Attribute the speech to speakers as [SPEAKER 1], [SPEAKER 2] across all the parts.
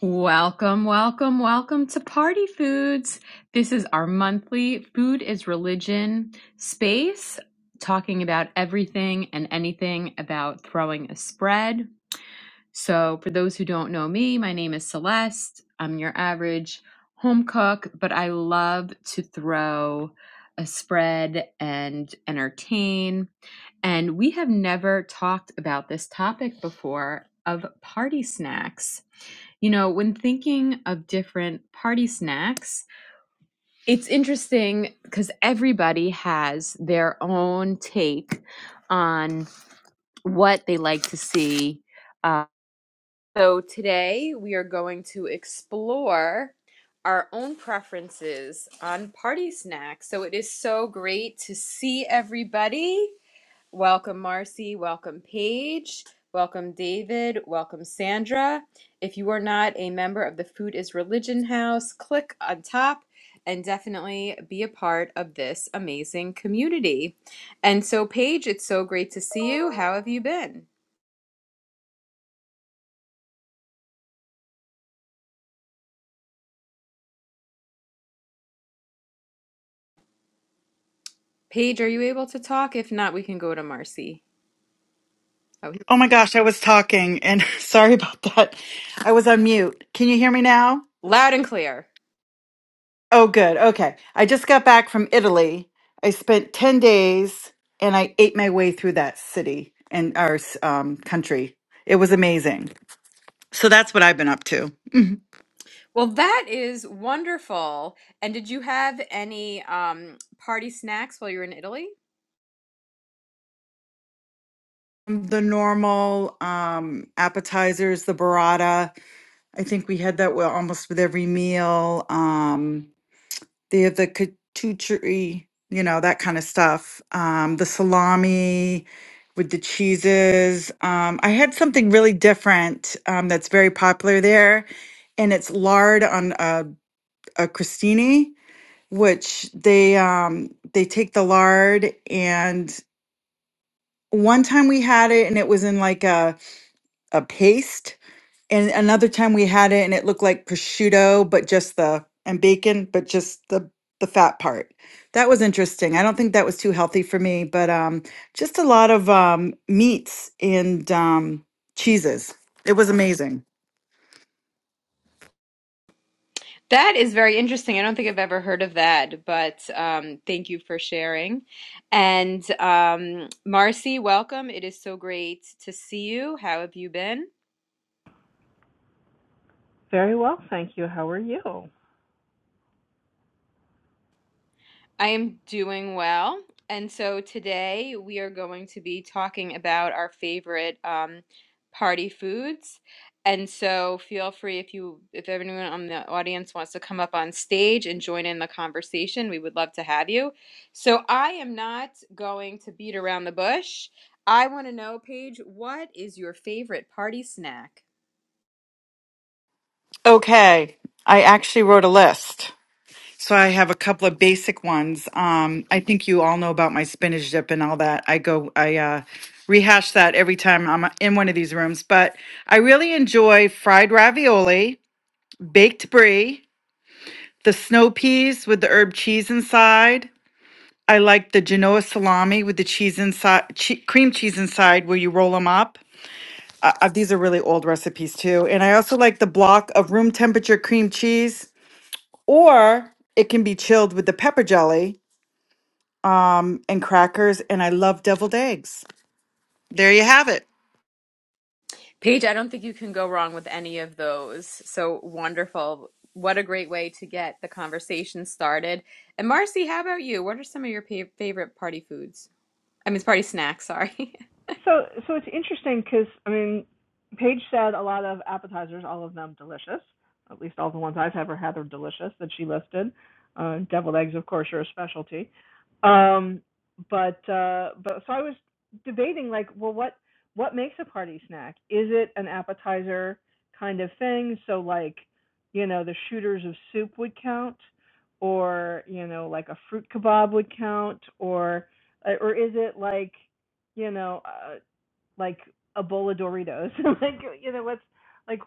[SPEAKER 1] Welcome, welcome, welcome to Party Foods. This is our monthly Food is Religion space, talking about everything and anything about throwing a spread. So, for those who don't know me, my name is Celeste. I'm your average home cook, but I love to throw a spread and entertain. And we have never talked about this topic before of party snacks. You know, when thinking of different party snacks, it's interesting because everybody has their own take on what they like to see. Uh, so today we are going to explore our own preferences on party snacks. So it is so great to see everybody. Welcome, Marcy. Welcome, Paige. Welcome, David. Welcome, Sandra. If you are not a member of the Food is Religion House, click on top and definitely be a part of this amazing community. And so, Paige, it's so great to see you. How have you been? Paige, are you able to talk? If not, we can go to Marcy. Oh, here-
[SPEAKER 2] Oh my gosh, I was talking and sorry about that. I was on mute. Can you hear me now?
[SPEAKER 1] loud and clear.
[SPEAKER 2] Oh, good. Okay. I just got back from Italy. I spent 10 days and I ate my way through that city and our um, country. It was amazing. So that's what I've been up to.
[SPEAKER 1] Well, that is wonderful. And did you have any um, party snacks while you were in Italy?
[SPEAKER 2] The normal um, appetizers, the burrata. I think we had that well, almost with every meal. Um, They have the kachuchari, you know, that kind of stuff. Um, the salami with the cheeses. Um, I had something really different um, that's very popular there, and it's lard on a, a crostini, which they um, they take the lard and one time we had it and it was in like a a paste and another time we had it and it looked like prosciutto, but just the and bacon, but just the the fat part. That was interesting. I don't think that was too healthy for me, but um just a lot of um meats and um cheeses. It was amazing.
[SPEAKER 1] That is very interesting. I don't think I've ever heard of that, but um, thank you for sharing. And um, Marcy, welcome. It is so great to see you. How have you been?
[SPEAKER 3] Very well, thank you. How are you?
[SPEAKER 1] I am doing well. And so today we are going to be talking about our favorite um, party foods. And so feel free if you if anyone on the audience wants to come up on stage and join in the conversation, we would love to have you. So I am not going to beat around the bush. I want to know, Paige, what is your favorite party snack?
[SPEAKER 2] Okay. I actually wrote a list. So I have a couple of basic ones. Um I think you all know about my spinach dip and all that. I go I uh rehash that every time I'm in one of these rooms, but I really enjoy fried ravioli baked brie, the snow peas with the herb cheese inside. I like the Genoa salami with the cheese inside, che- cream cheese inside, where you roll them up. Uh, uh, these are really old recipes too. And I also like the block of room temperature cream cheese, or it can be chilled with the pepper jelly um, and crackers. And I love deviled eggs. There you have it.
[SPEAKER 1] Paige, I don't think you can go wrong with any of those. So wonderful. What a great way to get the conversation started. And Marcy, how about you? What are some of your pa- favorite party foods? I mean, it's party snacks, sorry.
[SPEAKER 3] So, so it's interesting because I mean, Paige said a lot of appetizers, all of them delicious. At least all the ones I've ever had are delicious that she listed. Uh, deviled eggs, of course, are a specialty. Um, but uh, but so I was debating like, well, what what makes a party snack? Is it an appetizer kind of thing? So like, you know, the shooters of soup would count, or you know, like a fruit kebab would count, or uh, or is it like you know uh, like a bowl of Doritos. like you know what's like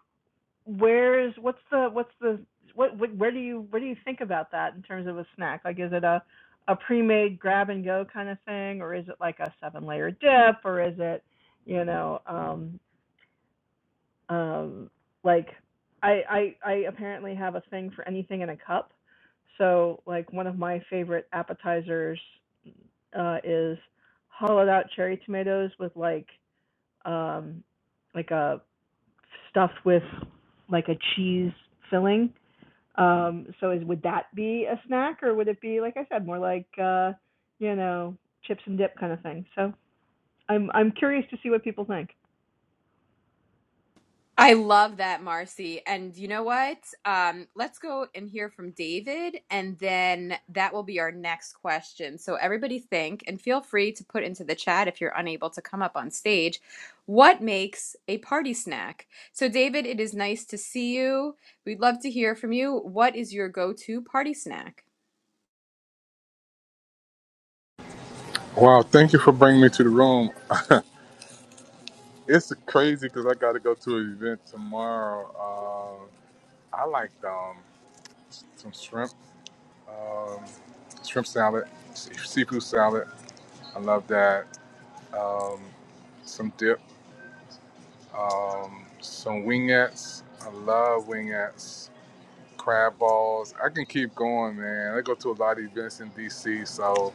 [SPEAKER 3] where's what's the what's the what, what where do you where do you think about that in terms of a snack? Like is it a a pre-made grab and go kind of thing or is it like a seven layer dip or is it you know um um like I I I apparently have a thing for anything in a cup. So like one of my favorite appetizers uh is hollowed out cherry tomatoes with like um like a stuffed with like a cheese filling. Um, so is would that be a snack or would it be like I said more like uh, you know chips and dip kind of thing? So I'm I'm curious to see what people think.
[SPEAKER 1] I love that, Marcy. And you know what? Um, let's go and hear from David, and then that will be our next question. So, everybody, think and feel free to put into the chat if you're unable to come up on stage what makes a party snack. So, David, it is nice to see you. We'd love to hear from you. What is your go to party snack?
[SPEAKER 4] Wow, thank you for bringing me to the room. It's crazy because I got to go to an event tomorrow. Uh, I like um, some shrimp, shrimp salad, se- seafood salad. I love that. Um, some dip, um, some wingettes. I love wingettes. Crab balls. I can keep going, man. I go to a lot of events in DC, so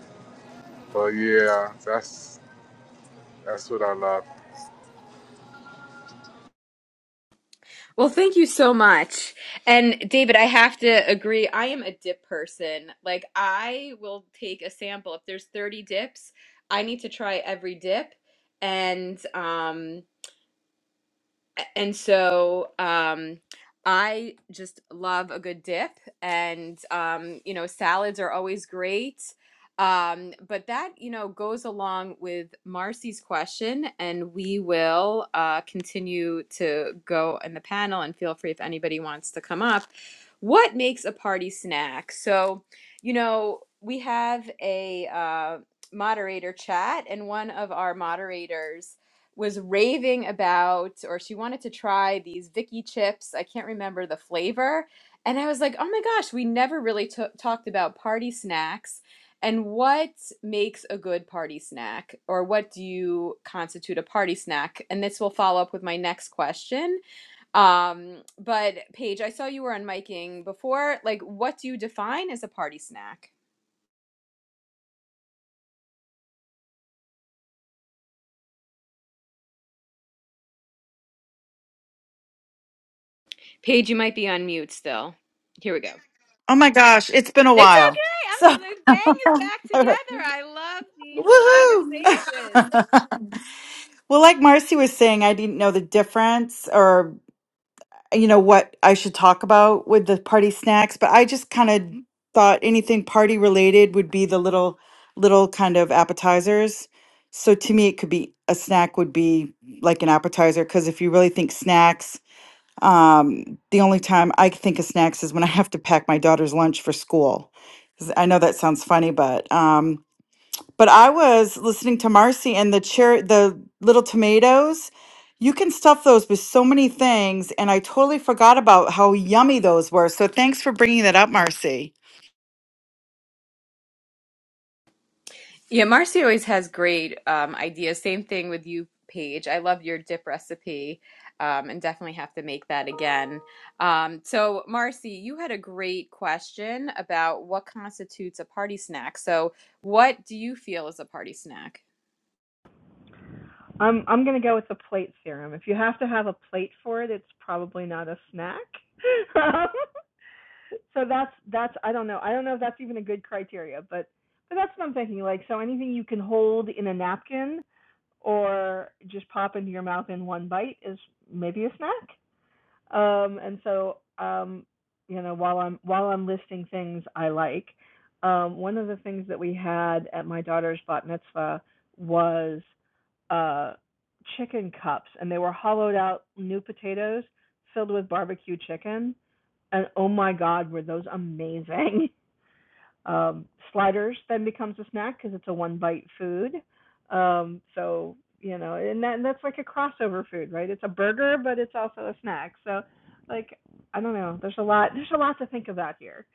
[SPEAKER 4] but yeah, that's that's what I love.
[SPEAKER 1] Well, thank you so much. And David, I have to agree. I am a dip person. Like, I will take a sample. If there's 30 dips, I need to try every dip. And, um, and so um i just love a good dip and um you know salads are always great um but that you know goes along with marcy's question and we will uh continue to go in the panel and feel free if anybody wants to come up what makes a party snack so you know we have a uh moderator chat and one of our moderators was raving about or she wanted to try these Vicky chips. I can't remember the flavor. And I was like, "Oh my gosh, we never really t- talked about party snacks and what makes a good party snack or what do you constitute a party snack?" And this will follow up with my next question. Um, but Paige, I saw you were on miking before. Like, what do you define as a party snack? Paige, you might be on mute still. Here we go.
[SPEAKER 2] Oh my gosh, it's been a
[SPEAKER 1] It's
[SPEAKER 2] while.
[SPEAKER 1] okay. I'm so
[SPEAKER 2] So,
[SPEAKER 1] the gang is back together.
[SPEAKER 2] woohoo!
[SPEAKER 1] I love these conversations.
[SPEAKER 2] Well, like Marcy was saying, I didn't know the difference, or you know what I should talk about with the party snacks, but I just kind of thought anything party related would be the little little kind of appetizers. So to me, it could be a snack would be like an appetizer because if you really think snacks, um, the only time I can think of snacks is when I have to pack my daughter's lunch for school. 'Cause I know that sounds funny, but um, but I was listening to Marcy and the cher- the little tomatoes. You can stuff those with so many things, and I totally forgot about how yummy those were. So thanks for bringing that up, Marcy.
[SPEAKER 1] Yeah, Marcy always has great um, ideas. Same thing with you, Paige. I love your dip recipe um, and definitely have to make that again. Um, so, Marcy, you had a great question about what constitutes a party snack. So, what do you feel is a party snack?
[SPEAKER 3] I'm I'm gonna go with the plate theorem. If you have to have a plate for it, it's probably not a snack. so that's that's I don't know I don't know if that's even a good criteria, but but that's what I'm thinking. Like so anything you can hold in a napkin or just pop into your mouth in one bite is maybe a snack. Um, and so, um, you know, while I'm while I'm listing things I like, um, one of the things that we had at my daughter's bat mitzvah was uh, chicken cups, and they were hollowed out new potatoes filled with barbecue chicken. And oh my God, were those amazing! Um, sliders then becomes a snack because it's a one bite food. Um, so you know, and, that, and that's like a crossover food, right? It's a burger, but it's also a snack. So like I don't know. There's a lot. There's a lot to think about here.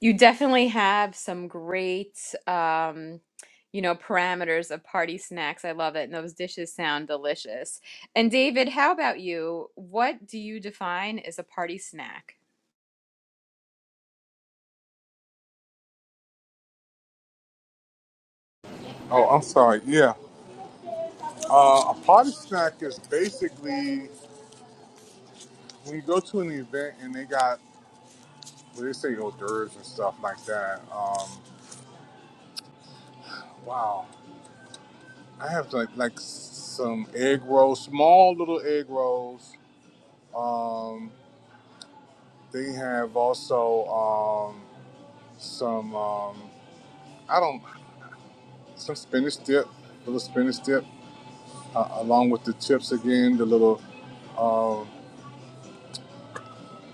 [SPEAKER 1] you definitely have some great um you know parameters of party snacks i love it and those dishes sound delicious and david how about you what do you define as a party snack
[SPEAKER 4] Oh, I'm sorry. Yeah, uh, a party snack is basically when you go to an event and they got well, they say hors d'oeuvres and stuff like that. Um, wow, I have like like some egg rolls, small little egg rolls. Um, they have also um, some um, I don't some spinach dip, little spinach dip, uh, along with the chips again, the little um,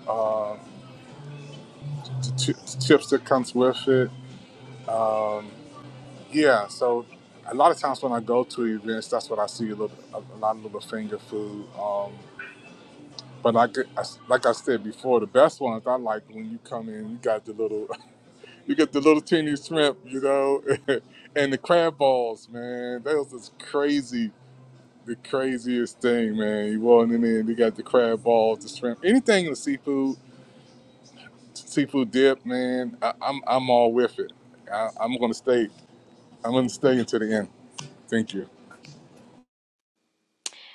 [SPEAKER 4] uh, the chi- chips that comes with it. Um, Yeah, so a lot of times when I go to events, that's what I see a, little, a, a lot of little finger food. Um, but like, I, like I said before, the best ones I like when you come in, you got the little, you get the little teeny shrimp, you know, and the crab balls, man. That was just crazy, the craziest thing, man. You walking in there, you got the crab balls, the shrimp, anything with seafood, seafood dip, man. I, I'm I'm all with it. I, I'm gonna stay. I'm gonna stay until the end. Thank you.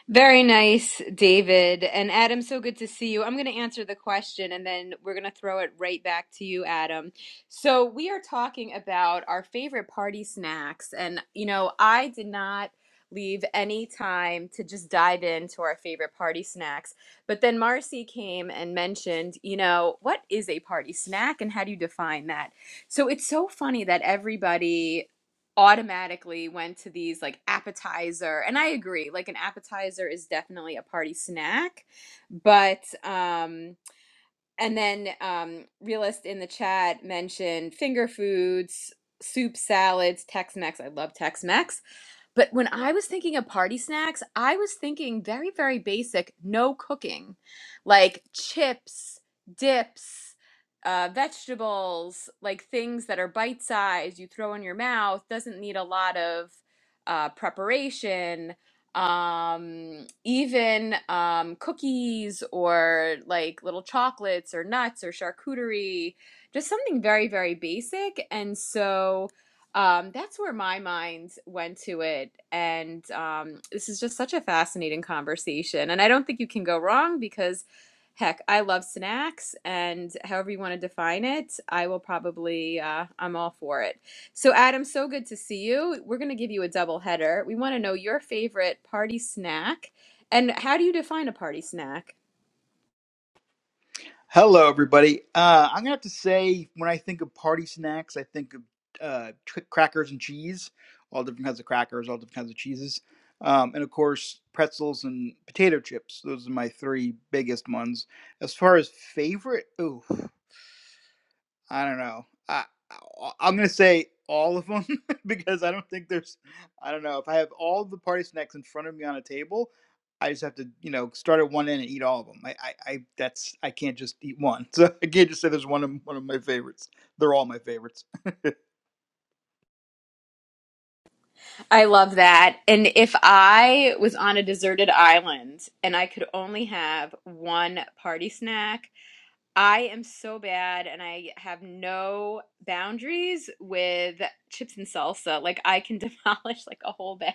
[SPEAKER 1] Very nice, David. And Adam, so good to see you. I'm going to answer the question and then we're going to throw it right back to you, Adam. So, we are talking about our favorite party snacks. And, you know, I did not leave any time to just dive into our favorite party snacks. But then Marcy came and mentioned, you know, what is a party snack and how do you define that? So, it's so funny that everybody automatically went to these like appetizer and i agree like an appetizer is definitely a party snack but um and then um, realist in the chat mentioned finger foods, soup, salads, Tex-Mex. I love Tex-Mex. But when I was thinking of party snacks, I was thinking very, very basic, no cooking, like chips, dips, uh, vegetables, like things that are bite-sized, you throw in your mouth, doesn't need a lot of uh, preparation um even um cookies or like little chocolates or nuts or charcuterie just something very very basic and so um that's where my mind went to it and um this is just such a fascinating conversation and i don't think you can go wrong because heck i love snacks and however you want to define it i will probably uh i'm all for it so, Adam, so good to see you. We're going to give you a double header. We want to know your favorite party snack. And how do you define a party snack?
[SPEAKER 5] Hello, everybody. Uh, I'm gonna have to say, when I think of party snacks, I think of uh, tr- crackers and cheese, all different kinds of crackers, all different kinds of cheeses, um, and of course pretzels and potato chips. Those are my three biggest ones. As far as favorite, ooh. I don't know. I I- am gonna say all of them because I don't think there's. I don't know if I have all the party snacks in front of me on a table. I just have to, you know, start at one end and eat all of them. I, I, I that's I can't just eat one. So I can't just say there's one of one of my favorites. They're all my favorites.
[SPEAKER 1] I love that. And if I was on a deserted island and I could only have one party snack, I am so bad and I have no boundaries with chips and salsa. Like I can demolish like a whole bag.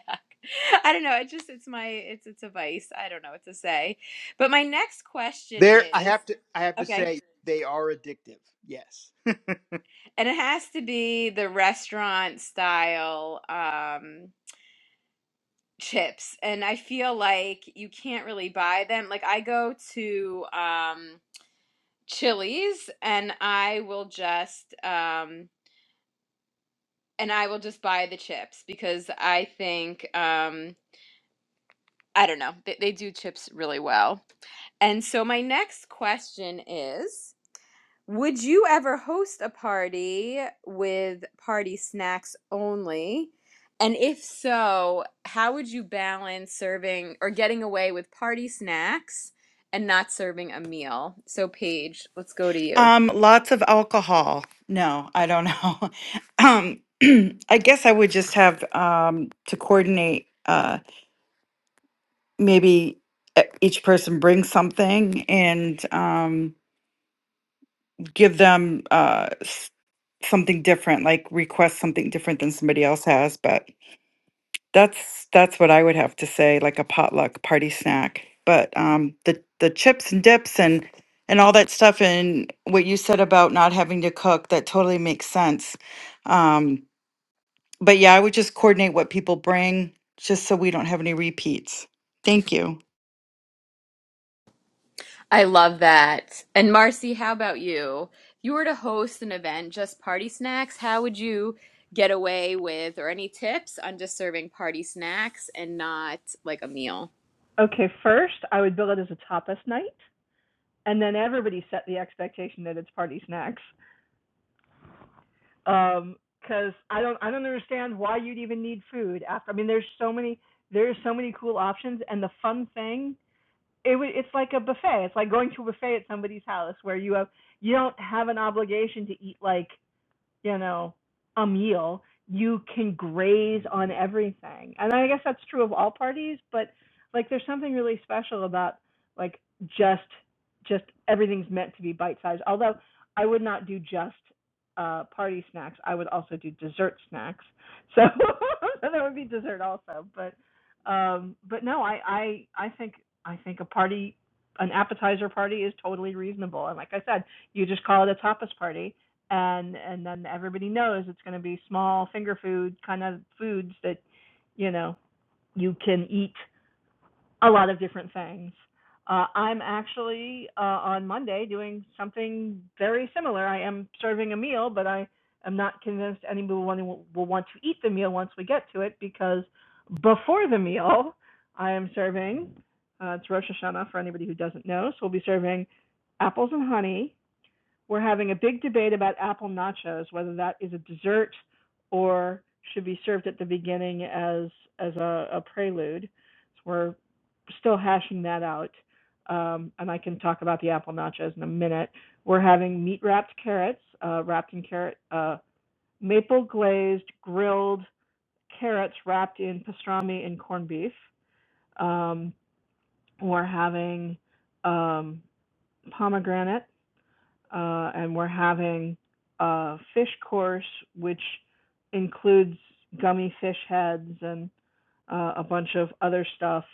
[SPEAKER 1] I don't know. It just it's my it's it's a vice. I don't know what to say. But my next question
[SPEAKER 5] There, I
[SPEAKER 1] is
[SPEAKER 5] have to, I have to
[SPEAKER 1] Okay.
[SPEAKER 5] say they are addictive. Yes.
[SPEAKER 1] And it has to be the restaurant style um chips. And I feel like you can't really buy them. Like I go to um Chili's and I will just um and I will just buy the chips because I think um I don't know. They, they do chips really well. And so my next question is Would you ever host a party with party snacks only? And if so, how would you balance serving or getting away with party snacks and not serving a meal? So, Paige, let's go to you.
[SPEAKER 2] Um, lots of alcohol. No, I don't know. um, I guess I would just have um, to coordinate. Uh, maybe uh, each person brings something and um, give them uh, s- something different, like request something different than somebody else has. But That's that's what I would have to say, like a potluck party snack. But um, the the chips and dips and and all that stuff, and what you said about not having to cook, that totally makes sense. Um, but yeah, I would just coordinate what people bring, just so we don't have any repeats. Thank you.
[SPEAKER 1] I love that. And Marcy, how about you? If you were to host an event, just party snacks, how would you get away with, or any tips on just serving party snacks and not like a meal?
[SPEAKER 3] Okay, first I would bill it as a tapas night, and then everybody set the expectation that it's party snacks. Um, because I don't I don't understand why you'd even need food after. I mean, there's so many there's so many cool options, and the fun thing it would it's like a buffet. It's like going to a buffet at somebody's house where you have you don't have an obligation to eat like you know, a meal, you can graze on everything. And I guess that's true of all parties, but like there's something really special about like just just everything's meant to be bite sized. Although I would not do just uh party snacks. I would also do dessert snacks. So, so there would be dessert also. But um but no, I I I think I think a party an appetizer party is totally reasonable. And like I said, you just call it a tapas party and and then everybody knows it's going to be small finger food kind of foods that you know you can eat a lot of different things uh, i'm actually uh, on monday doing something very similar i am serving a meal but i am not convinced anyone will, will want to eat the meal once we get to it because before the meal i am serving uh, it's rosh hashanah for anybody who doesn't know so we'll be serving apples and honey we're having a big debate about apple nachos, whether that is a dessert or should be served at the beginning as as a, a prelude. So we're still hashing that out, um, and I can talk about the apple nachos in a minute. We're having meat wrapped carrots, uh, wrapped in carrot, uh, maple glazed grilled carrots wrapped in pastrami and corned beef. Um, we're having um, pomegranate uh, and we're having a fish course, which includes gummy fish heads and uh, a bunch of other stuff,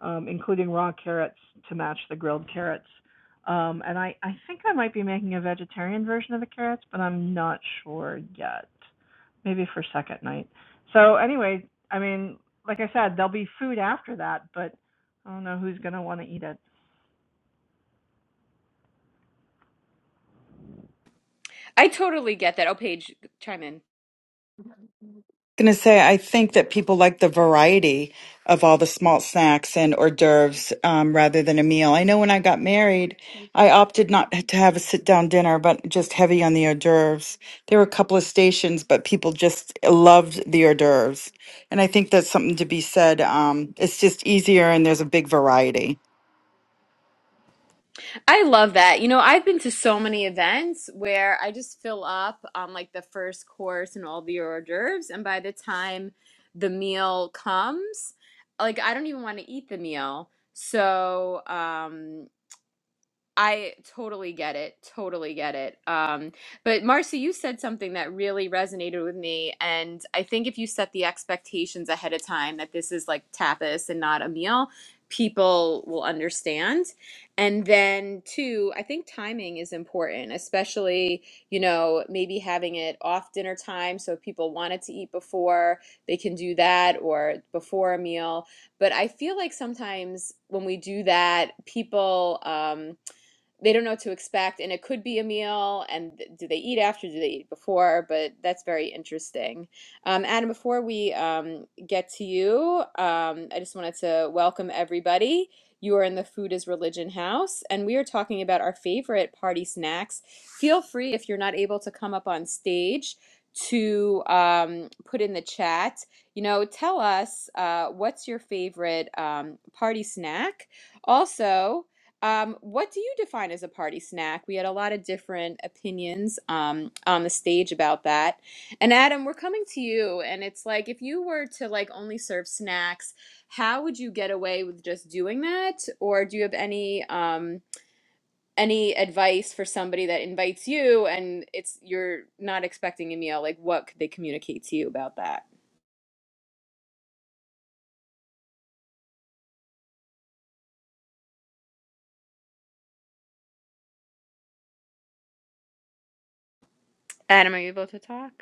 [SPEAKER 3] um, including raw carrots to match the grilled carrots. Um, and I, I think I might be making a vegetarian version of the carrots, but I'm not sure yet. Maybe for second night. So, anyway, I mean, like I said, there'll be food after that, but I don't know who's going to want to eat it.
[SPEAKER 1] I totally get that. Oh, Paige, chime in.
[SPEAKER 2] going to say I think that people like the variety of all the small snacks and hors d'oeuvres um, rather than a meal. I know when I got married, I opted not to have a sit down dinner, but just heavy on the hors d'oeuvres. There were a couple of stations, but people just loved the hors d'oeuvres, and I think that's something to be said. Um, it's just easier, and there's a big variety.
[SPEAKER 1] I love that. You know, I've been to so many events where I just fill up on like the first course and all the hors d'oeuvres, and by the time the meal comes, like I don't even want to eat the meal. So, um, I totally get it. Totally get it. Um, but Marcy, you said something that really resonated with me. And I think if you set the expectations ahead of time that this is like tapas and not a meal, people will understand. And then, two, I think timing is important, especially, you know, maybe having it off dinner time. So if people wanted to eat before, they can do that or before a meal. But I feel like sometimes when we do that, people, um, they don't know what to expect and it could be a meal and do they eat after do they eat before but that's very interesting um, adam before we um, get to you um, i just wanted to welcome everybody you are in the food is religion house and we are talking about our favorite party snacks feel free if you're not able to come up on stage to um, put in the chat you know tell us uh, what's your favorite um, party snack also um, what do you define as a party snack? We had a lot of different opinions um, on the stage about that. And Adam, we're coming to you, and it's like if you were to like only serve snacks, how would you get away with just doing that? Or do you have any um, any advice for somebody that invites you and it's you're not expecting a meal? Like, what could they communicate to you about that? Adam, are you able to talk?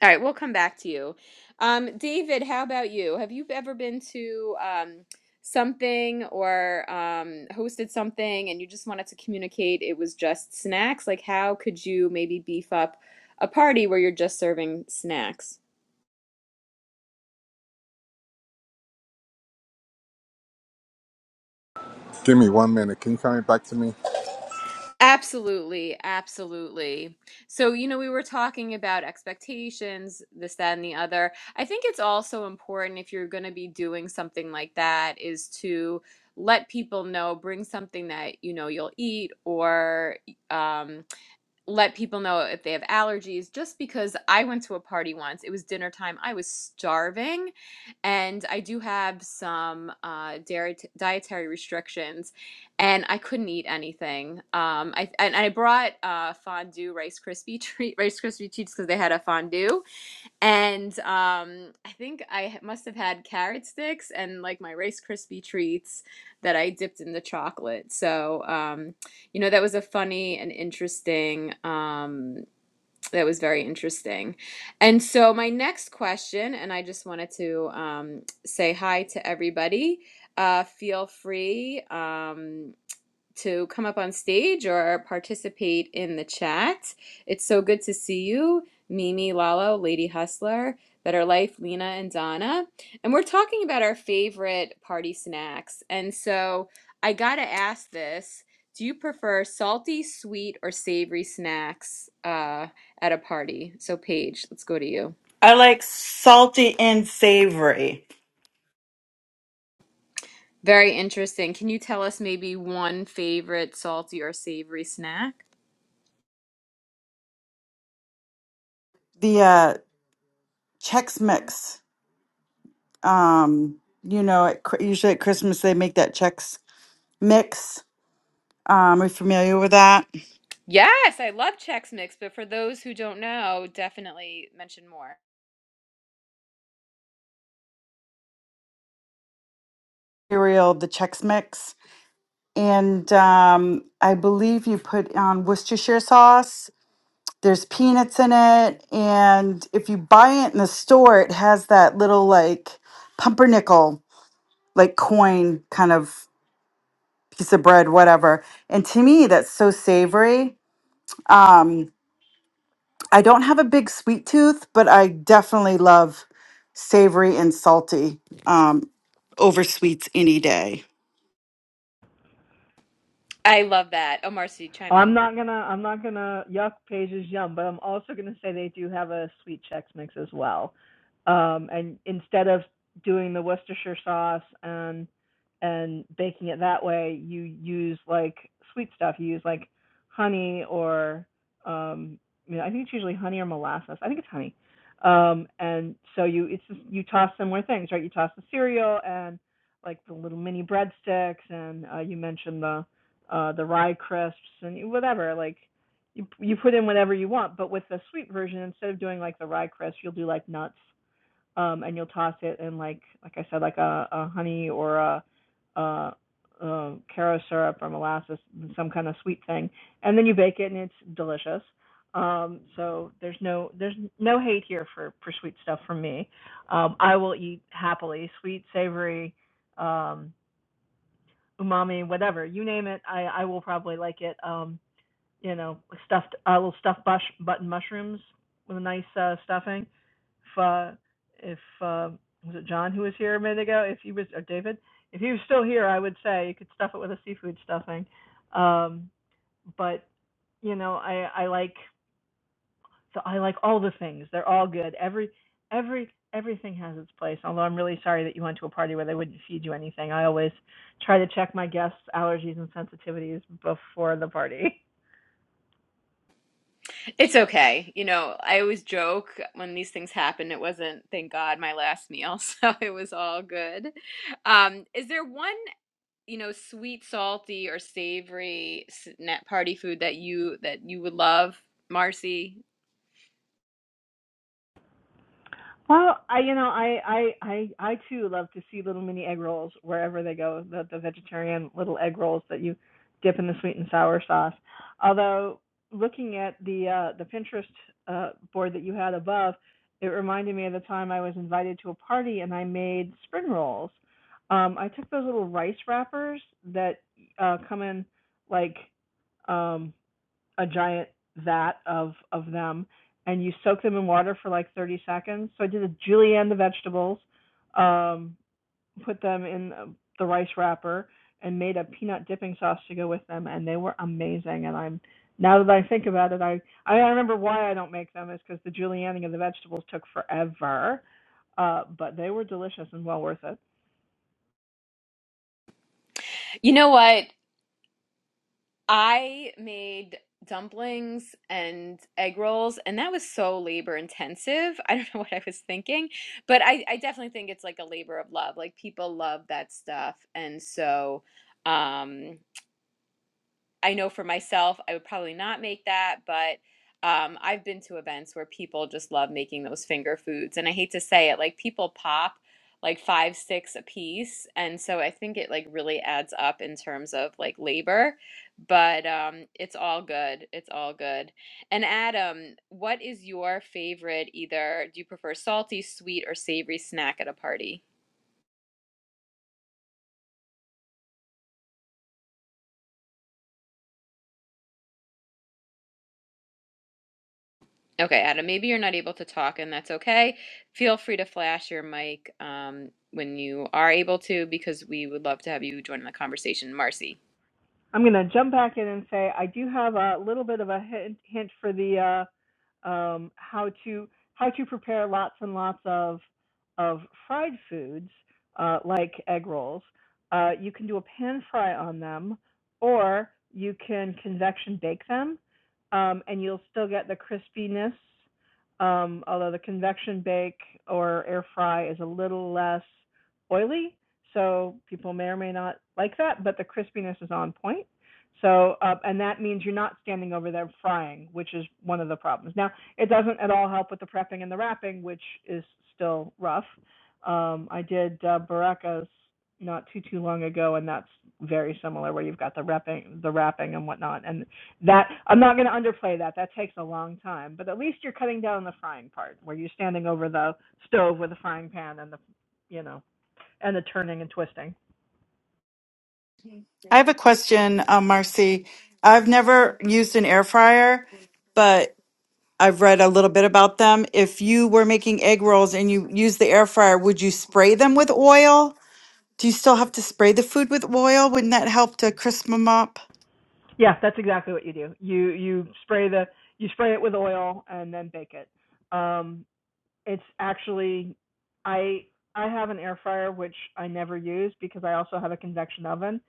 [SPEAKER 1] All right, we'll come back to you. Um, David, how about you? Have you ever been to um, something or um, hosted something and you just wanted to communicate it was just snacks? Like, how could you maybe beef up a party where you're just serving snacks?
[SPEAKER 4] Give me one minute. Can you come back to me?
[SPEAKER 1] Absolutely, absolutely. So, you know, we were talking about expectations, this, that, and the other. I think it's also important if you're going to be doing something like that is to let people know, bring something that you know you'll eat or um let people know if they have allergies just because I went to a party once. It was dinner time. I was starving and I do have some uh, dairy dietary restrictions and I couldn't eat anything. Um, I and I brought uh, fondue Rice Krispie treat Rice Krispie treats because they had a fondue and um, I think I h- must have had carrot sticks and like my Rice Krispie treats that I dipped in the chocolate. So, um, you know, that was a funny and interesting, um, that was very interesting. And so, my next question, and I just wanted to um, say hi to everybody. Uh, feel free. Um, to come up on stage or participate in the chat. It's so good to see you, Mimi, Lalo, Lady Hustler, Better Life, Lena, and Donna. And we're talking about our favorite party snacks. And so I got to ask this Do you prefer salty, sweet, or savory snacks uh, at a party? So, Paige, let's go to you.
[SPEAKER 2] I like salty and savory.
[SPEAKER 1] Very interesting. Can you tell us maybe one favorite salty or savory snack?
[SPEAKER 2] The uh, Chex Mix. Um, you know, at, Chri- usually at Christmas they make that Chex mix. Um, are you familiar with that?
[SPEAKER 1] Yes, I love Chex Mix, but for those who don't know, definitely mention more.
[SPEAKER 2] Cereal, the Chex Mix. And um, I believe you put on Worcestershire sauce. There's peanuts in it. And if you buy it in the store, it has that little like pumpernickel, like coin kind of piece of bread, whatever. And to me, that's so savory. Um, I don't have a big sweet tooth, but I definitely love savory and salty um, over sweets any day.
[SPEAKER 1] I love that. Oh, Marcy, chime
[SPEAKER 3] I'm
[SPEAKER 1] in.
[SPEAKER 3] not gonna I'm not gonna yuck Paige's yum, but I'm also gonna say they do have a sweet Chex mix as well. Um, and instead of doing the Worcestershire sauce and and baking it that way, you use like sweet stuff. You use like honey or um, you know, I think it's usually honey or molasses. I think it's honey. Um, and so you it's just, you toss similar things, right? You toss the cereal and like the little mini breadsticks, and uh, you mentioned the uh, the rye crisps and whatever. Like you you put in whatever you want, but with the sweet version, instead of doing like the rye crisp, you'll do like nuts, um, and you'll toss it in like like I said, like a, a honey or a, a, a caro syrup or molasses, some kind of sweet thing, and then you bake it and it's delicious. Um, so there's no there's no hate here for for sweet stuff from me. Um, I will eat happily sweet, savory. Um, umami, whatever you name it. I I will probably like it. Um, you know, stuffed I will stuff bush, button mushrooms with a nice uh, stuffing. If uh, if uh, was it John who was here a minute ago? If he was or David, if he was still here, I would say you could stuff it with a seafood stuffing. Um, but you know, I I like so I like all the things. They're all good. Every every everything has its place. Although I'm really sorry that you went to a party where they wouldn't feed you anything. I always try to check my guests' allergies and sensitivities before the party.
[SPEAKER 1] It's okay. You know, I always joke when these things happen, it wasn't, thank God, my last meal, so it was all good. Um, is there one, you know, sweet, salty, or savory s- party food that you that you would love, Marcy?
[SPEAKER 3] Well, I you know I I I I too love to see little mini egg rolls wherever they go. The the vegetarian little egg rolls that you dip in the sweet and sour sauce. Although looking at the uh, the Pinterest uh, board that you had above, it reminded me of the time I was invited to a party and I made spring rolls. Um, I took those little rice wrappers that uh, come in like um, a giant vat of of them and you soak them in water for like 30 seconds. So I did a julienne the vegetables, um, put them in the rice wrapper, and made a peanut dipping sauce to go with them, and they were amazing. And I'm now that I think about it, I I remember why I don't make them is because the julienning of the vegetables took forever, uh, but they were delicious and well worth it.
[SPEAKER 1] You know what? I made dumplings and egg rolls, and that was so labor intensive. I don't know what I was thinking, but I, I definitely think it's like a labor of love. Like people love that stuff. And so, um, I know for myself, I would probably not make that, but um, I've been to events where people just love making those finger foods. And I hate to say it, like people pop like five, six a piece. And so I think it like really adds up in terms of like labor, but um, it's all good. It's all good. And Adam, what is your favorite either, do you prefer salty, sweet, or savory snack at a party? Okay, Adam, maybe you're not able to talk, and that's okay. Feel free to flash your mic um, when you are able to, because we would love to have you join in the conversation, Marcy.
[SPEAKER 3] I'm going to jump back in and say I do have a little bit of a hint, hint for the uh, um, how to how to prepare lots and lots of of fried foods uh, like egg rolls. Uh, you can do a pan fry on them, or you can convection bake them, um, and you'll still get the crispiness. Um, although the convection bake or air fry is a little less oily, so people may or may not like that, but the crispiness is on point. So, uh, and that means you're not standing over there frying, which is one of the problems. Now, it doesn't at all help with the prepping and the wrapping, which is still rough. Um, I did uh, Baracas not too too long ago, and that's very similar, where you've got the wrapping, the wrapping and whatnot. And that I'm not going to underplay that. That takes a long time, but at least you're cutting down the frying part, where you're standing over the stove with a frying pan and the, you know, and the turning and twisting.
[SPEAKER 2] I have a question, um, Marcy. I've never used an air fryer, but I've read a little bit about them. If you were making egg rolls and you use the air fryer, would you spray them with oil? Do you still have to spray the food with oil? Wouldn't that help to crisp them up?
[SPEAKER 3] Yeah, that's exactly what you do. You you spray the you spray it with oil and then bake it. Um, it's actually I I have an air fryer which I never use because I also have a convection oven.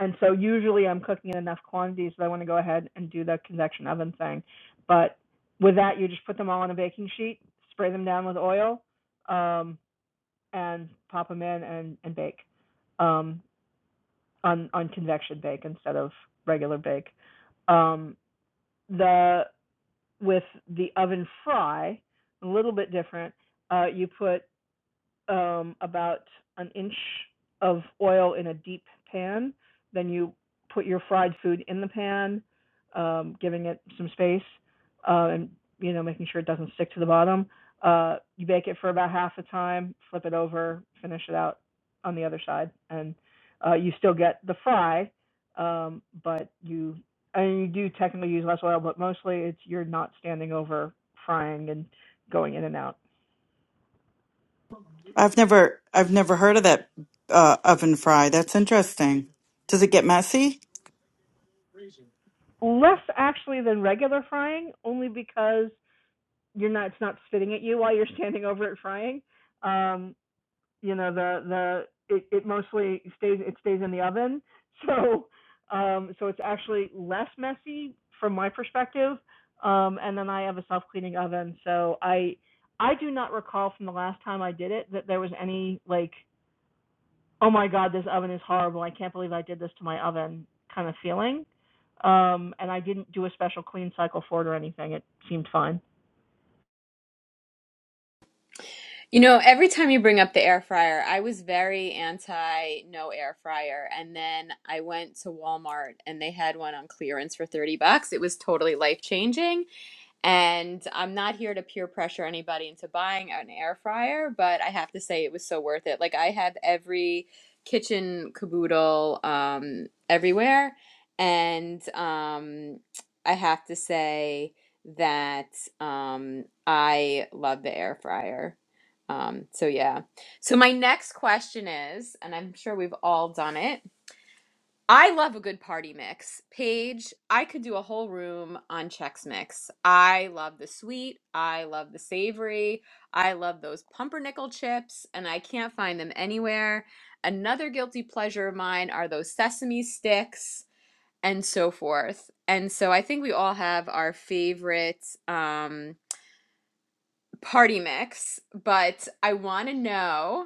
[SPEAKER 3] And so usually I'm cooking in enough quantities that I want to go ahead and do the convection oven thing. But with that you just put them all on a baking sheet, spray them down with oil, um, and pop them in and, and bake. Um, on on convection bake instead of regular bake. Um, the with the oven fry, a little bit different. Uh, you put um, about an inch of oil in a deep pan. Then you put your fried food in the pan, um, giving it some space, uh, and you know making sure it doesn't stick to the bottom. Uh, you bake it for about half the time, flip it over, finish it out on the other side, and uh, you still get the fry, um, but you and you do technically use less oil, but mostly it's you're not standing over frying and going in and out.
[SPEAKER 2] I've never, I've never heard of that uh, oven fry. That's interesting. Does it get messy?
[SPEAKER 3] less actually than regular frying, only because you're not it's not spitting at you while you're standing over it frying. Um, you know the the it, it mostly stays it stays in the oven, so um, so it's actually less messy from my perspective. Um, and then I have a self cleaning oven, so I I do not recall from the last time I did it that there was any like oh my god, this oven is horrible. I can't believe I did this to my oven kind of feeling. Um, and I didn't do a special clean cycle for it or anything. It seemed fine.
[SPEAKER 1] You know, every time you bring up the air fryer, I was very anti no air fryer, and then I went to Walmart and they had one on clearance for 30 bucks. It was totally life changing. And I'm not here to peer pressure anybody into buying an air fryer, but I have to say it was so worth it. Like I had every kitchen caboodle um, everywhere, and um, I have to say that um, I love the air fryer. Um, so yeah. So my next question is, and I'm sure we've all done it I love a good party mix. Paige, I could do a whole room on Chex Mix. I love the sweet. I love the savory. I love those pumpernickel chips, and I can't find them anywhere. Another guilty pleasure of mine are those sesame sticks and so forth. And so I think we all have our favorite um, party mix, but I want to know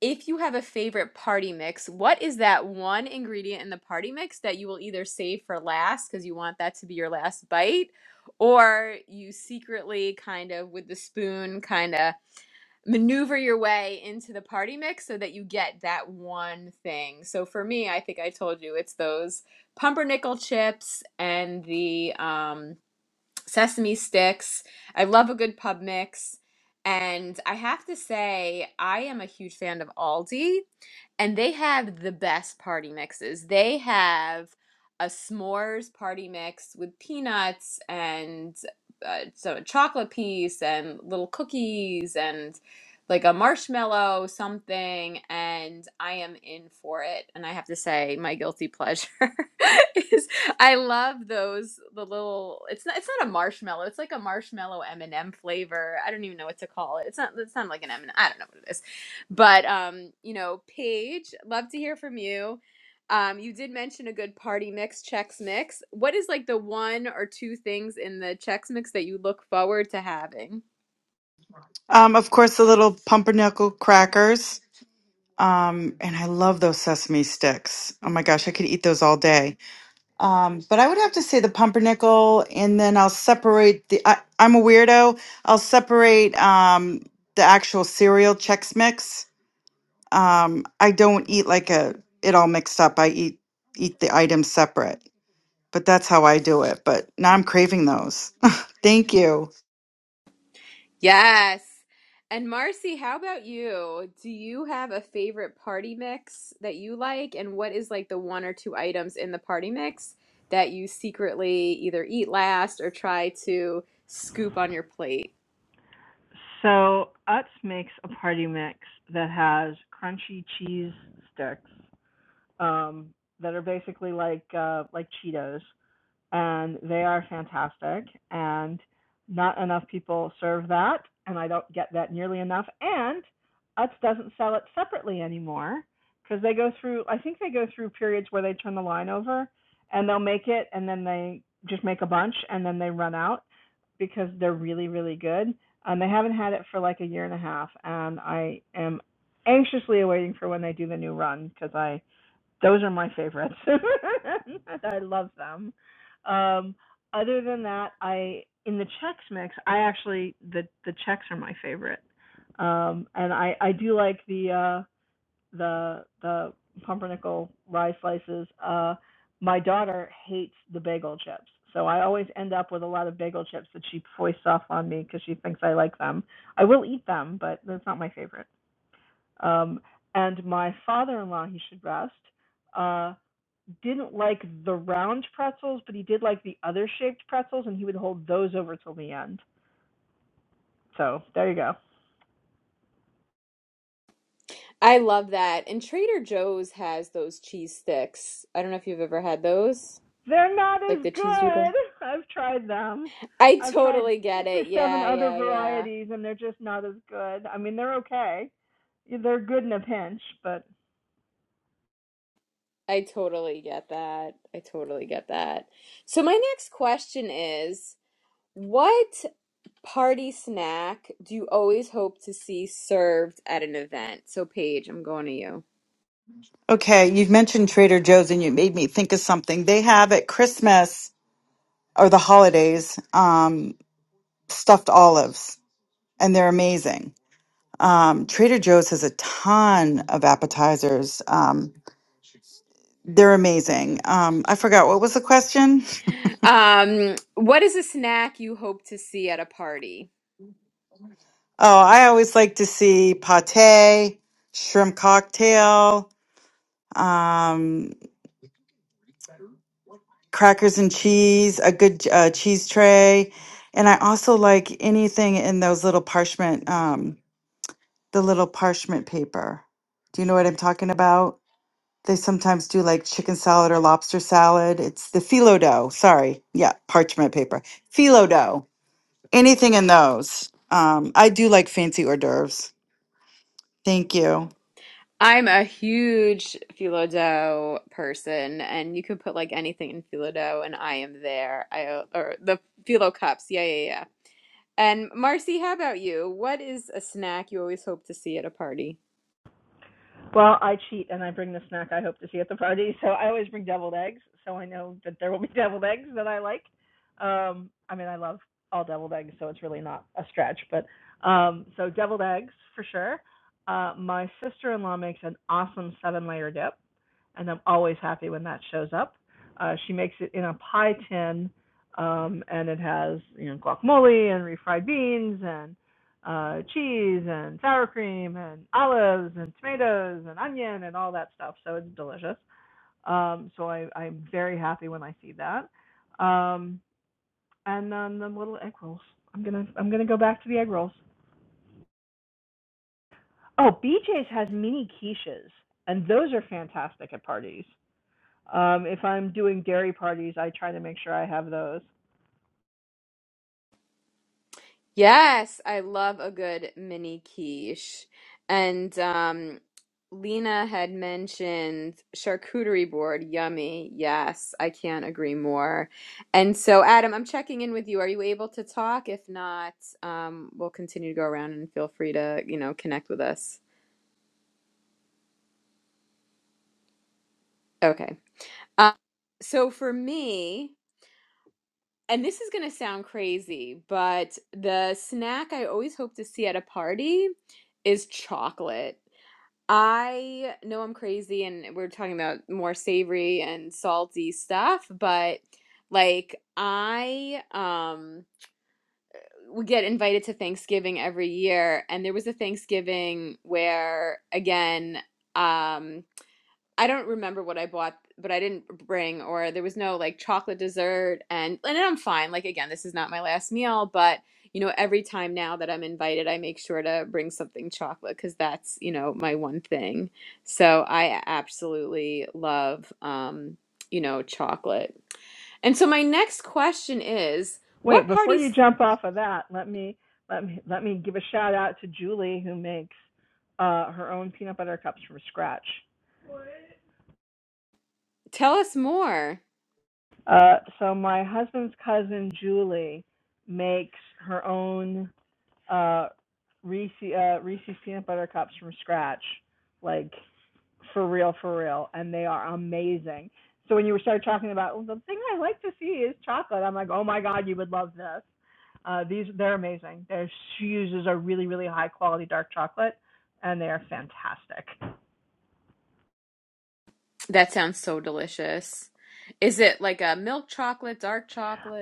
[SPEAKER 1] if you have a favorite party mix, what is that one ingredient in the party mix that you will either save for last because you want that to be your last bite, or you secretly kind of with the spoon kind of maneuver your way into the party mix so that you get that one thing? So for me, I think I told you it's those pumpernickel chips and the um sesame sticks. I love a good pub mix. And I have to say, I am a huge fan of Aldi, and they have the best party mixes. They have a s'mores party mix with peanuts and uh, so a chocolate piece and little cookies. and like a marshmallow something and i am in for it and i have to say my guilty pleasure is i love those the little it's not it's not a marshmallow it's like a marshmallow m&m flavor i don't even know what to call it it's not it's not like an m and i don't know what it is but um you know paige love to hear from you um you did mention a good party mix Chex mix what is like the one or two things in the Chex mix that you look forward to having
[SPEAKER 2] Um, of course, the little pumpernickel crackers. Um, and I love those sesame sticks. Oh my gosh, I could eat those all day. Um, but I would have to say the pumpernickel, and then I'll separate the. I, I'm a weirdo. I'll separate um, the actual cereal Chex Mix. Um, I don't eat like a it all mixed up. I eat eat the items separate, but that's how I do it. But now I'm craving those. Thank you.
[SPEAKER 1] Yes. And Marcy, how about you? Do you have a favorite party mix that you like? And what is like the one or two items in the party mix that you secretly either eat last or try to scoop on your plate?
[SPEAKER 3] So Utz makes a party mix that has crunchy cheese sticks um, that are basically like uh, like Cheetos, and they are fantastic. And not enough people serve that, and I don't get that nearly enough. And Utz doesn't sell it separately anymore because they go through. I think they go through periods where they turn the line over, and they'll make it, and then they just make a bunch, and then they run out because they're really, really good. And they haven't had it for like a year and a half, and I am anxiously awaiting for when they do the new run because I those are my favorites. I love them. Um, other than that, I in the Chex mix, I actually the the Chex are my favorite. Um, and I I do like the uh the the pumpernickel rye slices. Uh, my daughter hates the bagel chips. So I always end up with a lot of bagel chips that she foists off on me because she thinks I like them. I will eat them, but that's not my favorite. Um, and my father-in-law, he should rest, uh, didn't like the round pretzels, but he did like the other shaped pretzels, and he would hold those over till the end. So there you go.
[SPEAKER 1] I love that. And Trader Joe's has those cheese sticks. I don't know if you've ever had those,
[SPEAKER 3] They're not
[SPEAKER 1] like
[SPEAKER 3] as
[SPEAKER 1] the cheese doodle.
[SPEAKER 3] good. I've tried them.
[SPEAKER 1] I
[SPEAKER 3] I've tried
[SPEAKER 1] totally get
[SPEAKER 3] six or
[SPEAKER 1] it.
[SPEAKER 3] seven
[SPEAKER 1] Yeah,
[SPEAKER 3] other
[SPEAKER 1] yeah, yeah.
[SPEAKER 3] varieties, and they're just not as good. I mean, they're okay. They're good in a pinch, but
[SPEAKER 1] I totally get that. I totally get that. So, my next question is. What party snack do you always hope to see served at an event? So, Paige, I'm going to you.
[SPEAKER 2] Okay, you've mentioned Trader Joe's, and you made me think of something. They have at Christmas or the holidays um, stuffed olives, and they're amazing. Um, Trader Joe's has a ton of appetizers. Um, they're amazing. Um, I forgot what was the question.
[SPEAKER 1] Um, what is a snack you hope to see at a party?
[SPEAKER 2] Oh, I always like to see pate, shrimp cocktail, um, crackers and cheese, a good uh, cheese tray, and I also like anything in those little parchment, um, the little parchment paper. Do you know what I'm talking about? They sometimes do like chicken salad or lobster salad. It's the phyllo dough. Sorry. Yeah, parchment paper. Phyllo dough. Anything in those. Um, I do like fancy hors d'oeuvres. Thank you.
[SPEAKER 1] I'm a huge phyllo dough person, and you can put like anything in phyllo dough, and I am there. I or the phyllo cups, yeah, yeah, yeah. And Marcy, how about you? What is a snack you always hope to see at a party?
[SPEAKER 3] Well, I cheat and I bring the snack I hope to see at the party. So I always bring deviled eggs. So I know that there will be deviled eggs that I like. Um, I mean, I love all deviled eggs, so it's really not a stretch. But um, so deviled eggs for sure. Uh, my sister-in-law makes an awesome seven-layer dip, and I'm always happy when that shows up. Uh, she makes it in a pie tin, um, and it has you know guacamole and refried beans and uh, cheese and sour cream and olives and tomatoes and onion and all that stuff. So it's delicious. Um, so I, I'm very happy when I see that. Um, and then the little egg rolls. I'm gonna I'm gonna go back to the egg rolls. Oh, BJ's has mini quiches, and those are fantastic at parties. Um, if I'm doing dairy parties, I try to make sure I have those.
[SPEAKER 1] Yes, I love a good mini quiche. And um, Lena had mentioned charcuterie board. Yummy. Yes, I can't agree more. And so, Adam, I'm checking in with you. Are you able to talk? If not, um, we'll continue to go around and feel free to, you know, connect with us. Okay. Um, so for me, and this is going to sound crazy, but the snack I always hope to see at a party is chocolate. I know I'm crazy and we're talking about more savory and salty stuff, but like I um would get invited to Thanksgiving every year and there was a Thanksgiving where again um I don't remember what I bought, but I didn't bring, or there was no like chocolate dessert, and and I'm fine. Like again, this is not my last meal, but you know, every time now that I'm invited, I make sure to bring something chocolate because that's you know my one thing. So I absolutely love um, you know chocolate. And so my next question is,
[SPEAKER 3] Wait,
[SPEAKER 1] what
[SPEAKER 3] before you
[SPEAKER 1] parties?
[SPEAKER 3] jump off of that, let me let me let me give a shout out to Julie who makes uh, her own peanut butter cups from scratch.
[SPEAKER 1] Tell us more.
[SPEAKER 3] Uh, so my husband's cousin Julie makes her own uh, Reese uh, Reese's peanut butter cups from scratch, like for real, for real, and they are amazing. So when you were started talking about "Well, the thing I like to see is chocolate, I'm like, oh my god, you would love this. Uh, these they're amazing. they she uses a really, really high quality dark chocolate, and they are fantastic.
[SPEAKER 1] That sounds so delicious. Is it like a milk chocolate, dark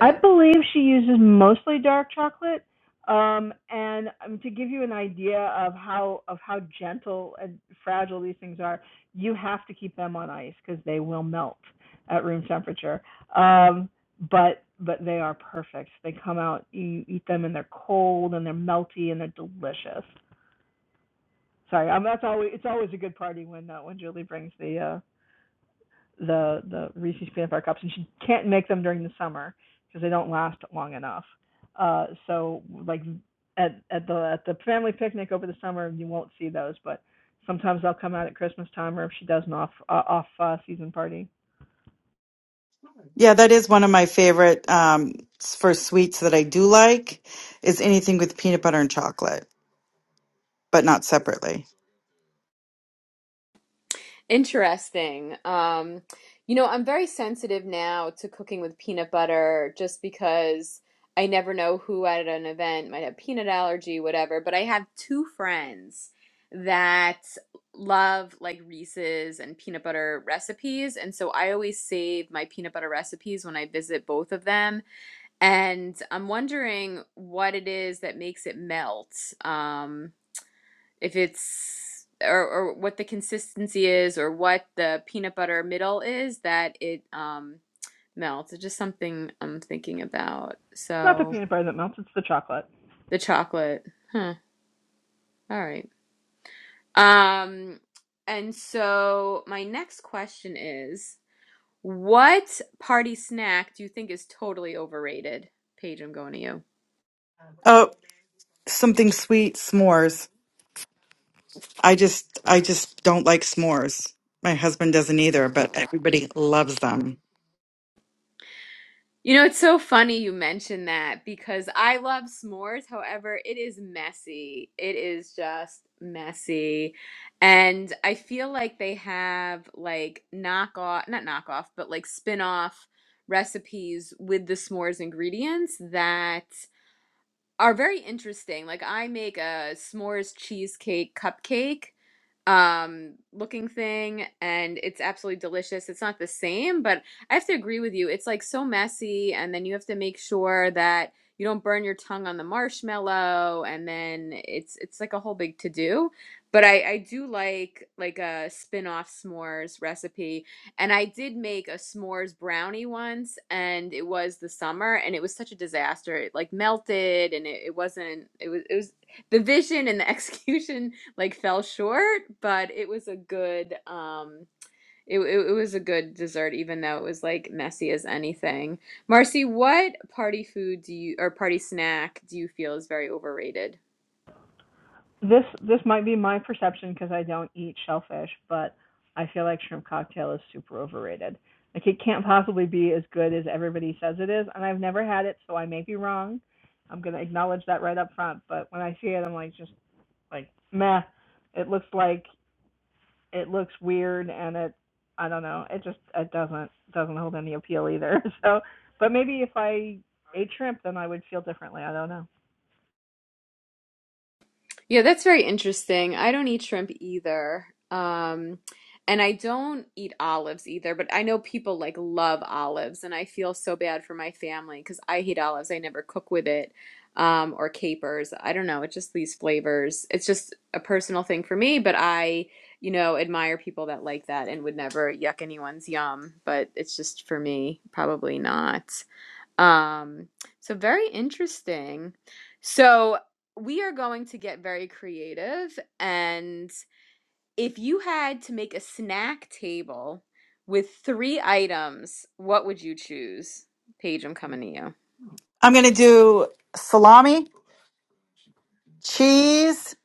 [SPEAKER 3] I believe she uses mostly dark chocolate. Um, and um, to give you an idea of how of how gentle and fragile these things are, you have to keep them on ice because they will melt at room temperature. Um, but but they are perfect. They come out. You eat them and they're cold and they're melty and they're delicious. Sorry, um, that's always it's always a good party when uh, when Julie brings the uh, the the Reese's peanut butter cups, and she can't make them during the summer because they don't last long enough. Uh, so like at at the at the family picnic over the summer, you won't see those, but sometimes they'll come out at Christmas time, or if she does an off uh, off uh, season party.
[SPEAKER 2] Yeah, that is one of my favorite um, s- for sweets that I do like is anything with peanut butter and chocolate, but not separately.
[SPEAKER 1] Interesting. Um, you know, I'm very sensitive now to cooking with peanut butter just because I never know who at an event might have peanut allergy, whatever. But I have two friends that love like Reese's and peanut butter recipes. And so I always save my peanut butter recipes when I visit both of them. And I'm wondering what it is that makes it melt. Um, if it's or, or what the consistency is or what the peanut butter middle is that it um melts. It's just something I'm thinking about.
[SPEAKER 3] It's not the
[SPEAKER 1] So
[SPEAKER 3] peanut butter that melts; it's the chocolate.
[SPEAKER 1] the chocolate. Huh. All right. Um and so my next question is what party snack do you think is totally overrated? Paige, I'm going to you.
[SPEAKER 2] Oh, something sweet, s'mores. I just I just don't like s'mores. My husband doesn't either, but everybody loves them.
[SPEAKER 1] You know, it's so funny you mentioned that because I love s'mores. However, it is messy. It is just messy. And I feel like they have like knockoff, not knockoff, but like spin off recipes with the s'mores ingredients that are very interesting. Like I make a s'mores cheesecake cupcake um looking thing and it's absolutely delicious. It's not the same, but I have to agree with you. It's like so messy and then you have to make sure that you don't burn your tongue on the marshmallow and then it's it's like a whole big to do. But I I do like like a spin-off s'mores recipe. And I did make a s'mores brownie once, and it was the summer, and it was such a disaster. It like melted, and it, it wasn't. It was. It was the vision and the execution like fell short, but it was a good. Um, it it, it was a good dessert, even though it was like messy as anything. Marcy, what party food do you or party snack do you feel is very overrated?
[SPEAKER 3] this this might be my perception because I don't eat shellfish, but I feel like shrimp cocktail is super overrated. Like it can't possibly be as good as everybody says it is, and I've never had it, so I may be wrong. I'm gonna acknowledge that right up front. But when I see it, I'm like just like meh. It looks like it looks weird, and it I don't know. It just it doesn't doesn't hold any appeal either. So, but maybe if I ate shrimp, then I would feel differently. I don't know.
[SPEAKER 1] Yeah, that's very interesting. I don't eat shrimp either. Um, and I don't eat olives either, but I know people like love olives, and I feel so bad for my family because I hate olives. I never cook with it, um, or capers. I don't know. It just these flavors. It's just a personal thing for me, but I, you know, admire people that like that and would never yuck anyone's yum, but it's just for me, probably not. Um, so very interesting. So we are going to get very creative. And if you had to make a snack table with three items, what would you choose? Paige, I'm coming to you.
[SPEAKER 2] I'm going to do salami cheese,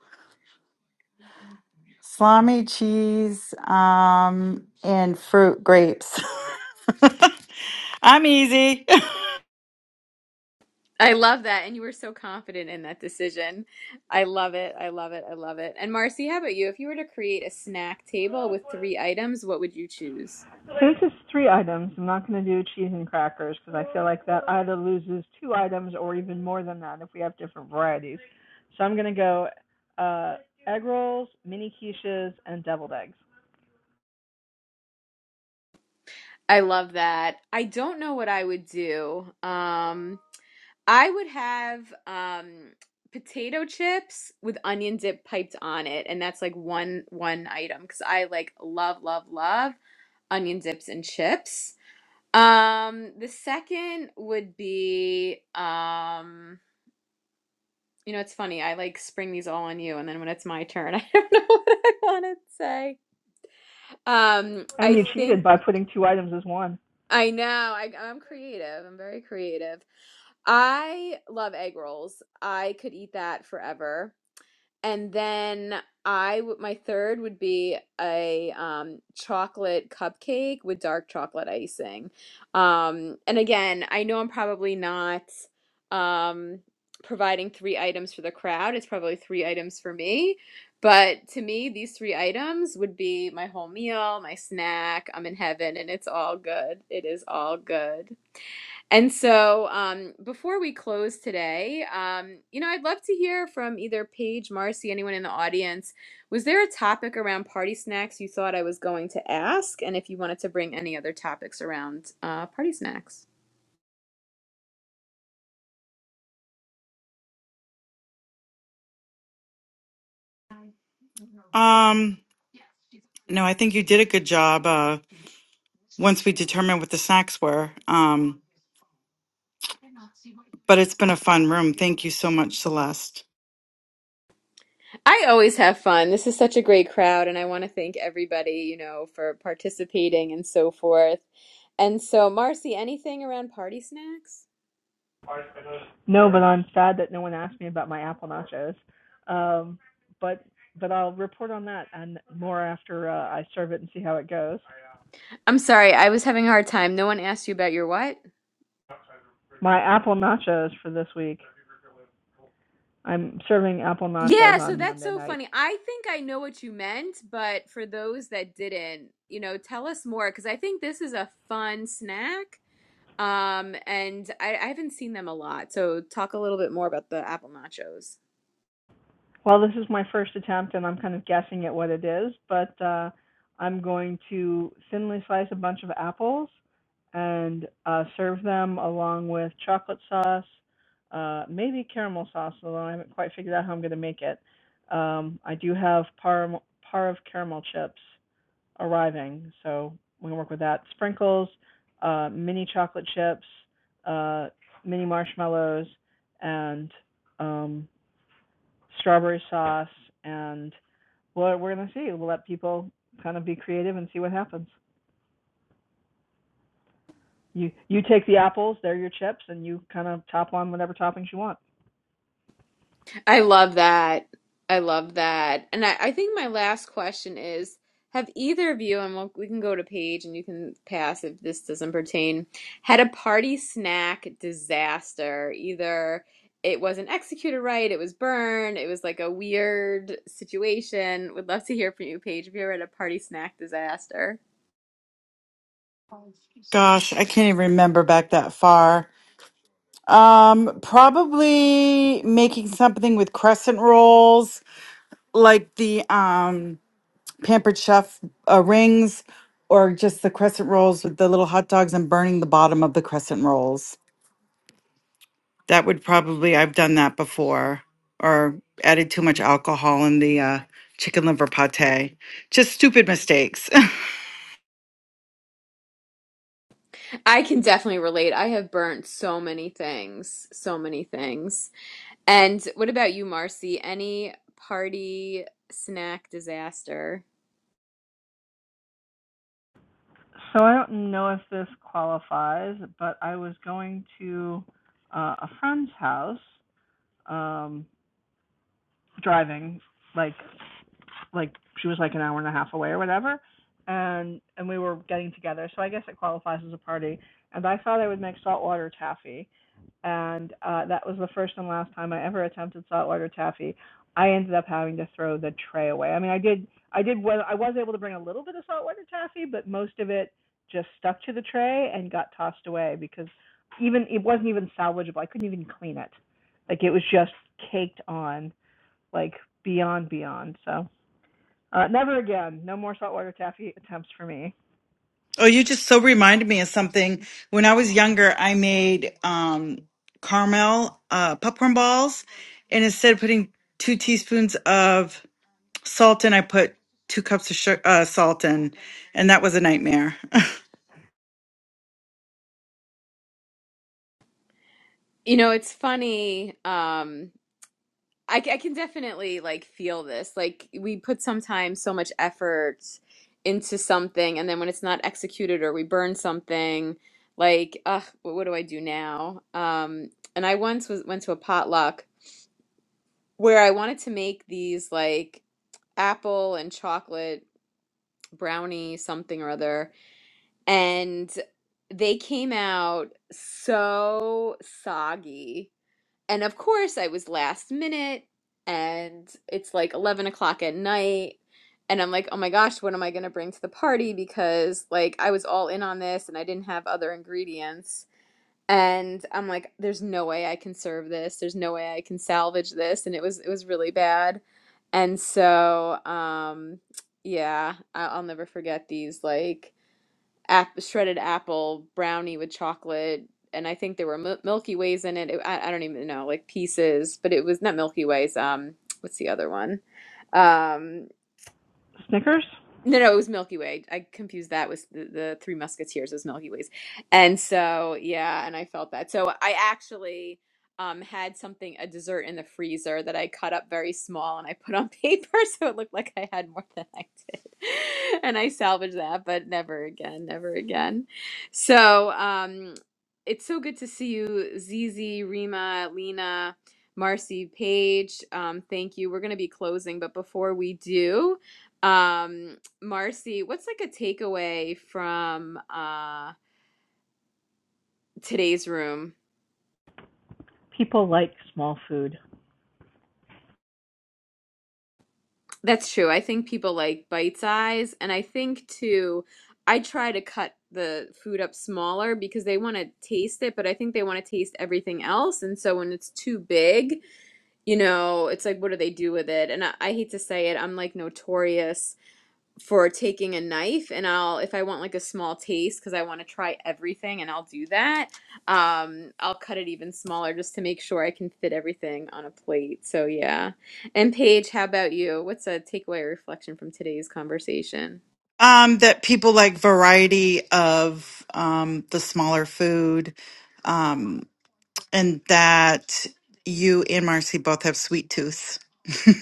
[SPEAKER 2] salami, cheese, um, and fruit grapes. I'm easy.
[SPEAKER 1] I love that. And you were so confident in that decision. I love it. I love it. I love it. And Marcy, how about you? If you were to create a snack table with three items, what would you choose?
[SPEAKER 3] Since it's three items, I'm not going to do cheese and crackers because I feel like that either loses two items or even more than that if we have different varieties. So I'm going to go uh, egg rolls, mini quiches, and deviled eggs.
[SPEAKER 1] I love that. I don't know what I would do. Um, I would have um potato chips with onion dip piped on it, and that's like one one item because I like love love love onion dips and chips. Um, the second would be um, you know, it's funny. I like spring these all on you, and then when it's my turn, I don't know what I want to say. Um,
[SPEAKER 3] And
[SPEAKER 1] I
[SPEAKER 3] you cheated
[SPEAKER 1] think
[SPEAKER 3] by putting two items as one.
[SPEAKER 1] I know. I, I'm creative. I'm very creative. I love egg rolls. I could eat that forever. And then I, my third would be a um chocolate cupcake with dark chocolate icing. Um and again, I know I'm probably not um providing three items for the crowd. It's probably three items for me. But to me, these three items would be my whole meal, my snack, I'm in heaven, and it's all good. It is all good. And so, um, before we close today, um, you know, I'd love to hear from either Paige, Marcy, anyone in the audience. Was there a topic around party snacks you thought I was going to ask? And if you wanted to bring any other topics around uh, party snacks,
[SPEAKER 2] Um, no, I think you did a good job. Uh, once we determined what the snacks were, um, but it's been a fun room. Thank you so much, Celeste.
[SPEAKER 1] I always have fun. This is such a great crowd, and I want to thank everybody, you know, for participating and so forth. And so, Marcy, anything around party snacks?
[SPEAKER 3] No, but I'm sad that no one asked me about my apple nachos. Um, but but I'll report on that and more after uh, I serve it and see how it goes.
[SPEAKER 1] I'm sorry, I was having a hard time. No one asked you about your what?
[SPEAKER 3] My apple nachos for this week. I'm serving apple nachos
[SPEAKER 1] Yeah, so
[SPEAKER 3] on
[SPEAKER 1] that's
[SPEAKER 3] Monday
[SPEAKER 1] so
[SPEAKER 3] night
[SPEAKER 1] funny. I think I know what you meant, but for those that didn't, you know, tell us more because I think this is a fun snack. Um, and I, I haven't seen them a lot. So talk a little bit more about the apple nachos.
[SPEAKER 3] Well, this is my first attempt and I'm kind of guessing at what it is, but uh, I'm going to thinly slice a bunch of apples and uh, serve them along with chocolate sauce, uh, maybe caramel sauce, although I haven't quite figured out how I'm going to make it. Um, I do have par, par of caramel chips arriving, so we can work with that. Sprinkles, uh, mini chocolate chips, uh, mini marshmallows, and um, strawberry sauce, and well, we're gonna see. We'll let people kind of be creative and see what happens. You you take the apples, they're your chips, and you kind of top on whatever toppings you want.
[SPEAKER 1] I love that. I love that. And I, I think my last question is, have either of you, and we'll, we can go to Paige and you can pass if this doesn't pertain, had a party snack disaster? Either it wasn't executed right, it was burned, it was like a weird situation. Would love to hear from you, Paige, if you ever had a party snack disaster.
[SPEAKER 2] Gosh, I can't even remember back that far. Um, probably making something with crescent rolls, like the um pampered chef uh, rings or just the crescent rolls with the little hot dogs and burning the bottom of the crescent rolls. That would probably I've done that before or added too much alcohol in the uh, chicken liver pate. Just stupid mistakes.
[SPEAKER 1] I can definitely relate. I have burnt so many things, so many things. And what about you, Marcy? Any party snack disaster?
[SPEAKER 3] So I don't know if this qualifies, but I was going to uh, a friend's house, um, driving like like she was like an hour and a half away or whatever, and and we were getting together. So I guess it qualifies as a party. And I thought I would make saltwater taffy, and uh, that was the first and last time I ever attempted saltwater taffy. I ended up having to throw the tray away. I mean, I did, I did, well, I was able to bring a little bit of saltwater taffy, but most of it just stuck to the tray and got tossed away because even it wasn't even salvageable. I couldn't even clean it. Like it was just caked on, like beyond beyond. So uh, never again. No more saltwater taffy attempts for me.
[SPEAKER 2] oh, you just so reminded me of something. When I was younger, I made um, caramel uh, popcorn balls, and instead of putting two teaspoons of salt in, I put two cups of sugar, uh, salt in, and that was a nightmare.
[SPEAKER 1] You know, it's funny. Um, I, c- I can definitely like feel this. Like we put sometimes so much effort into something, and then when it's not executed or we burn something, like, ugh, what, what do I do now? Um, and I once was went to a potluck where I wanted to make these like apple and chocolate brownie something or other and they came out so soggy. And of course, I was last minute, and it's like 11 o'clock at night. And I'm like, oh my gosh, what am I going to bring to the party? Because like I was all in on this and I didn't have other ingredients. And I'm like, there's no way I can serve this. There's no way I can salvage this. And it was it was really bad. And so, um, yeah, I- I'll never forget these like ap- shredded apple brownie with chocolate and i think there were mil- milky ways in it, It- I, I don't even know like pieces but it was not milky ways um what's the other one um
[SPEAKER 3] Snickers.
[SPEAKER 1] no, no, it was Milky Way. I confused that with the, the Three Musketeers as Milky Ways. And so, yeah, and I felt that. So I actually um, had something, a dessert in the freezer that I cut up very small and I put on paper so it looked like I had more than I did. And I salvaged that, but never again, never again. So um, it's so good to see you, Zizi, Rima, Lena, Marcy, Paige. Um, thank you. We're going to be closing, but before we do, um, Marcy, what's like a takeaway from uh today's room?
[SPEAKER 3] People like small food.
[SPEAKER 1] That's true. I think people like bite size and I think too I try to cut the food up smaller because they want to taste it, but I think they want to taste everything else. And so when it's too big, you know, it's like, what do they do with it? And I, I hate to say it, I'm like notorious for taking a knife and I'll if I want like a small taste because I want to try everything and I'll do that. Um I'll cut it even smaller just to make sure I can fit everything on a plate. So yeah. And Paige, how about you? What's a takeaway or reflection from today's conversation?
[SPEAKER 2] Um, that people like variety of um, the smaller food, um, and that you and Marcy both have sweet tooth.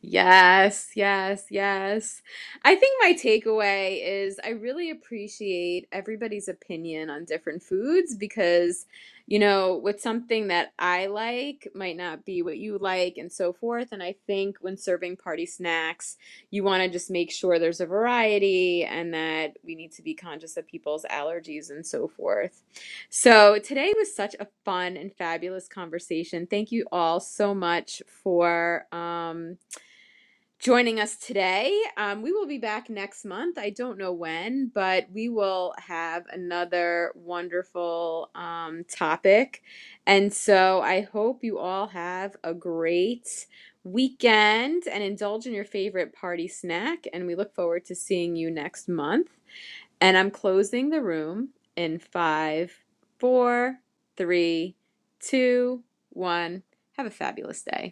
[SPEAKER 1] Yes, yes, yes. I think my takeaway is I really appreciate everybody's opinion on different foods because, you know, with something that I like might not be what you like and so forth. And I think when serving party snacks, you want to just make sure there's a variety and that we need to be conscious of people's allergies and so forth. So today was such a fun and fabulous conversation. Thank you all so much for. Um, joining us today. Um, we will be back next month. I don't know when, but we will have another wonderful um, topic. And so I hope you all have a great weekend and indulge in your favorite party snack. And we look forward to seeing you next month. And I'm closing the room in five, four, three, two, one. Have a fabulous day.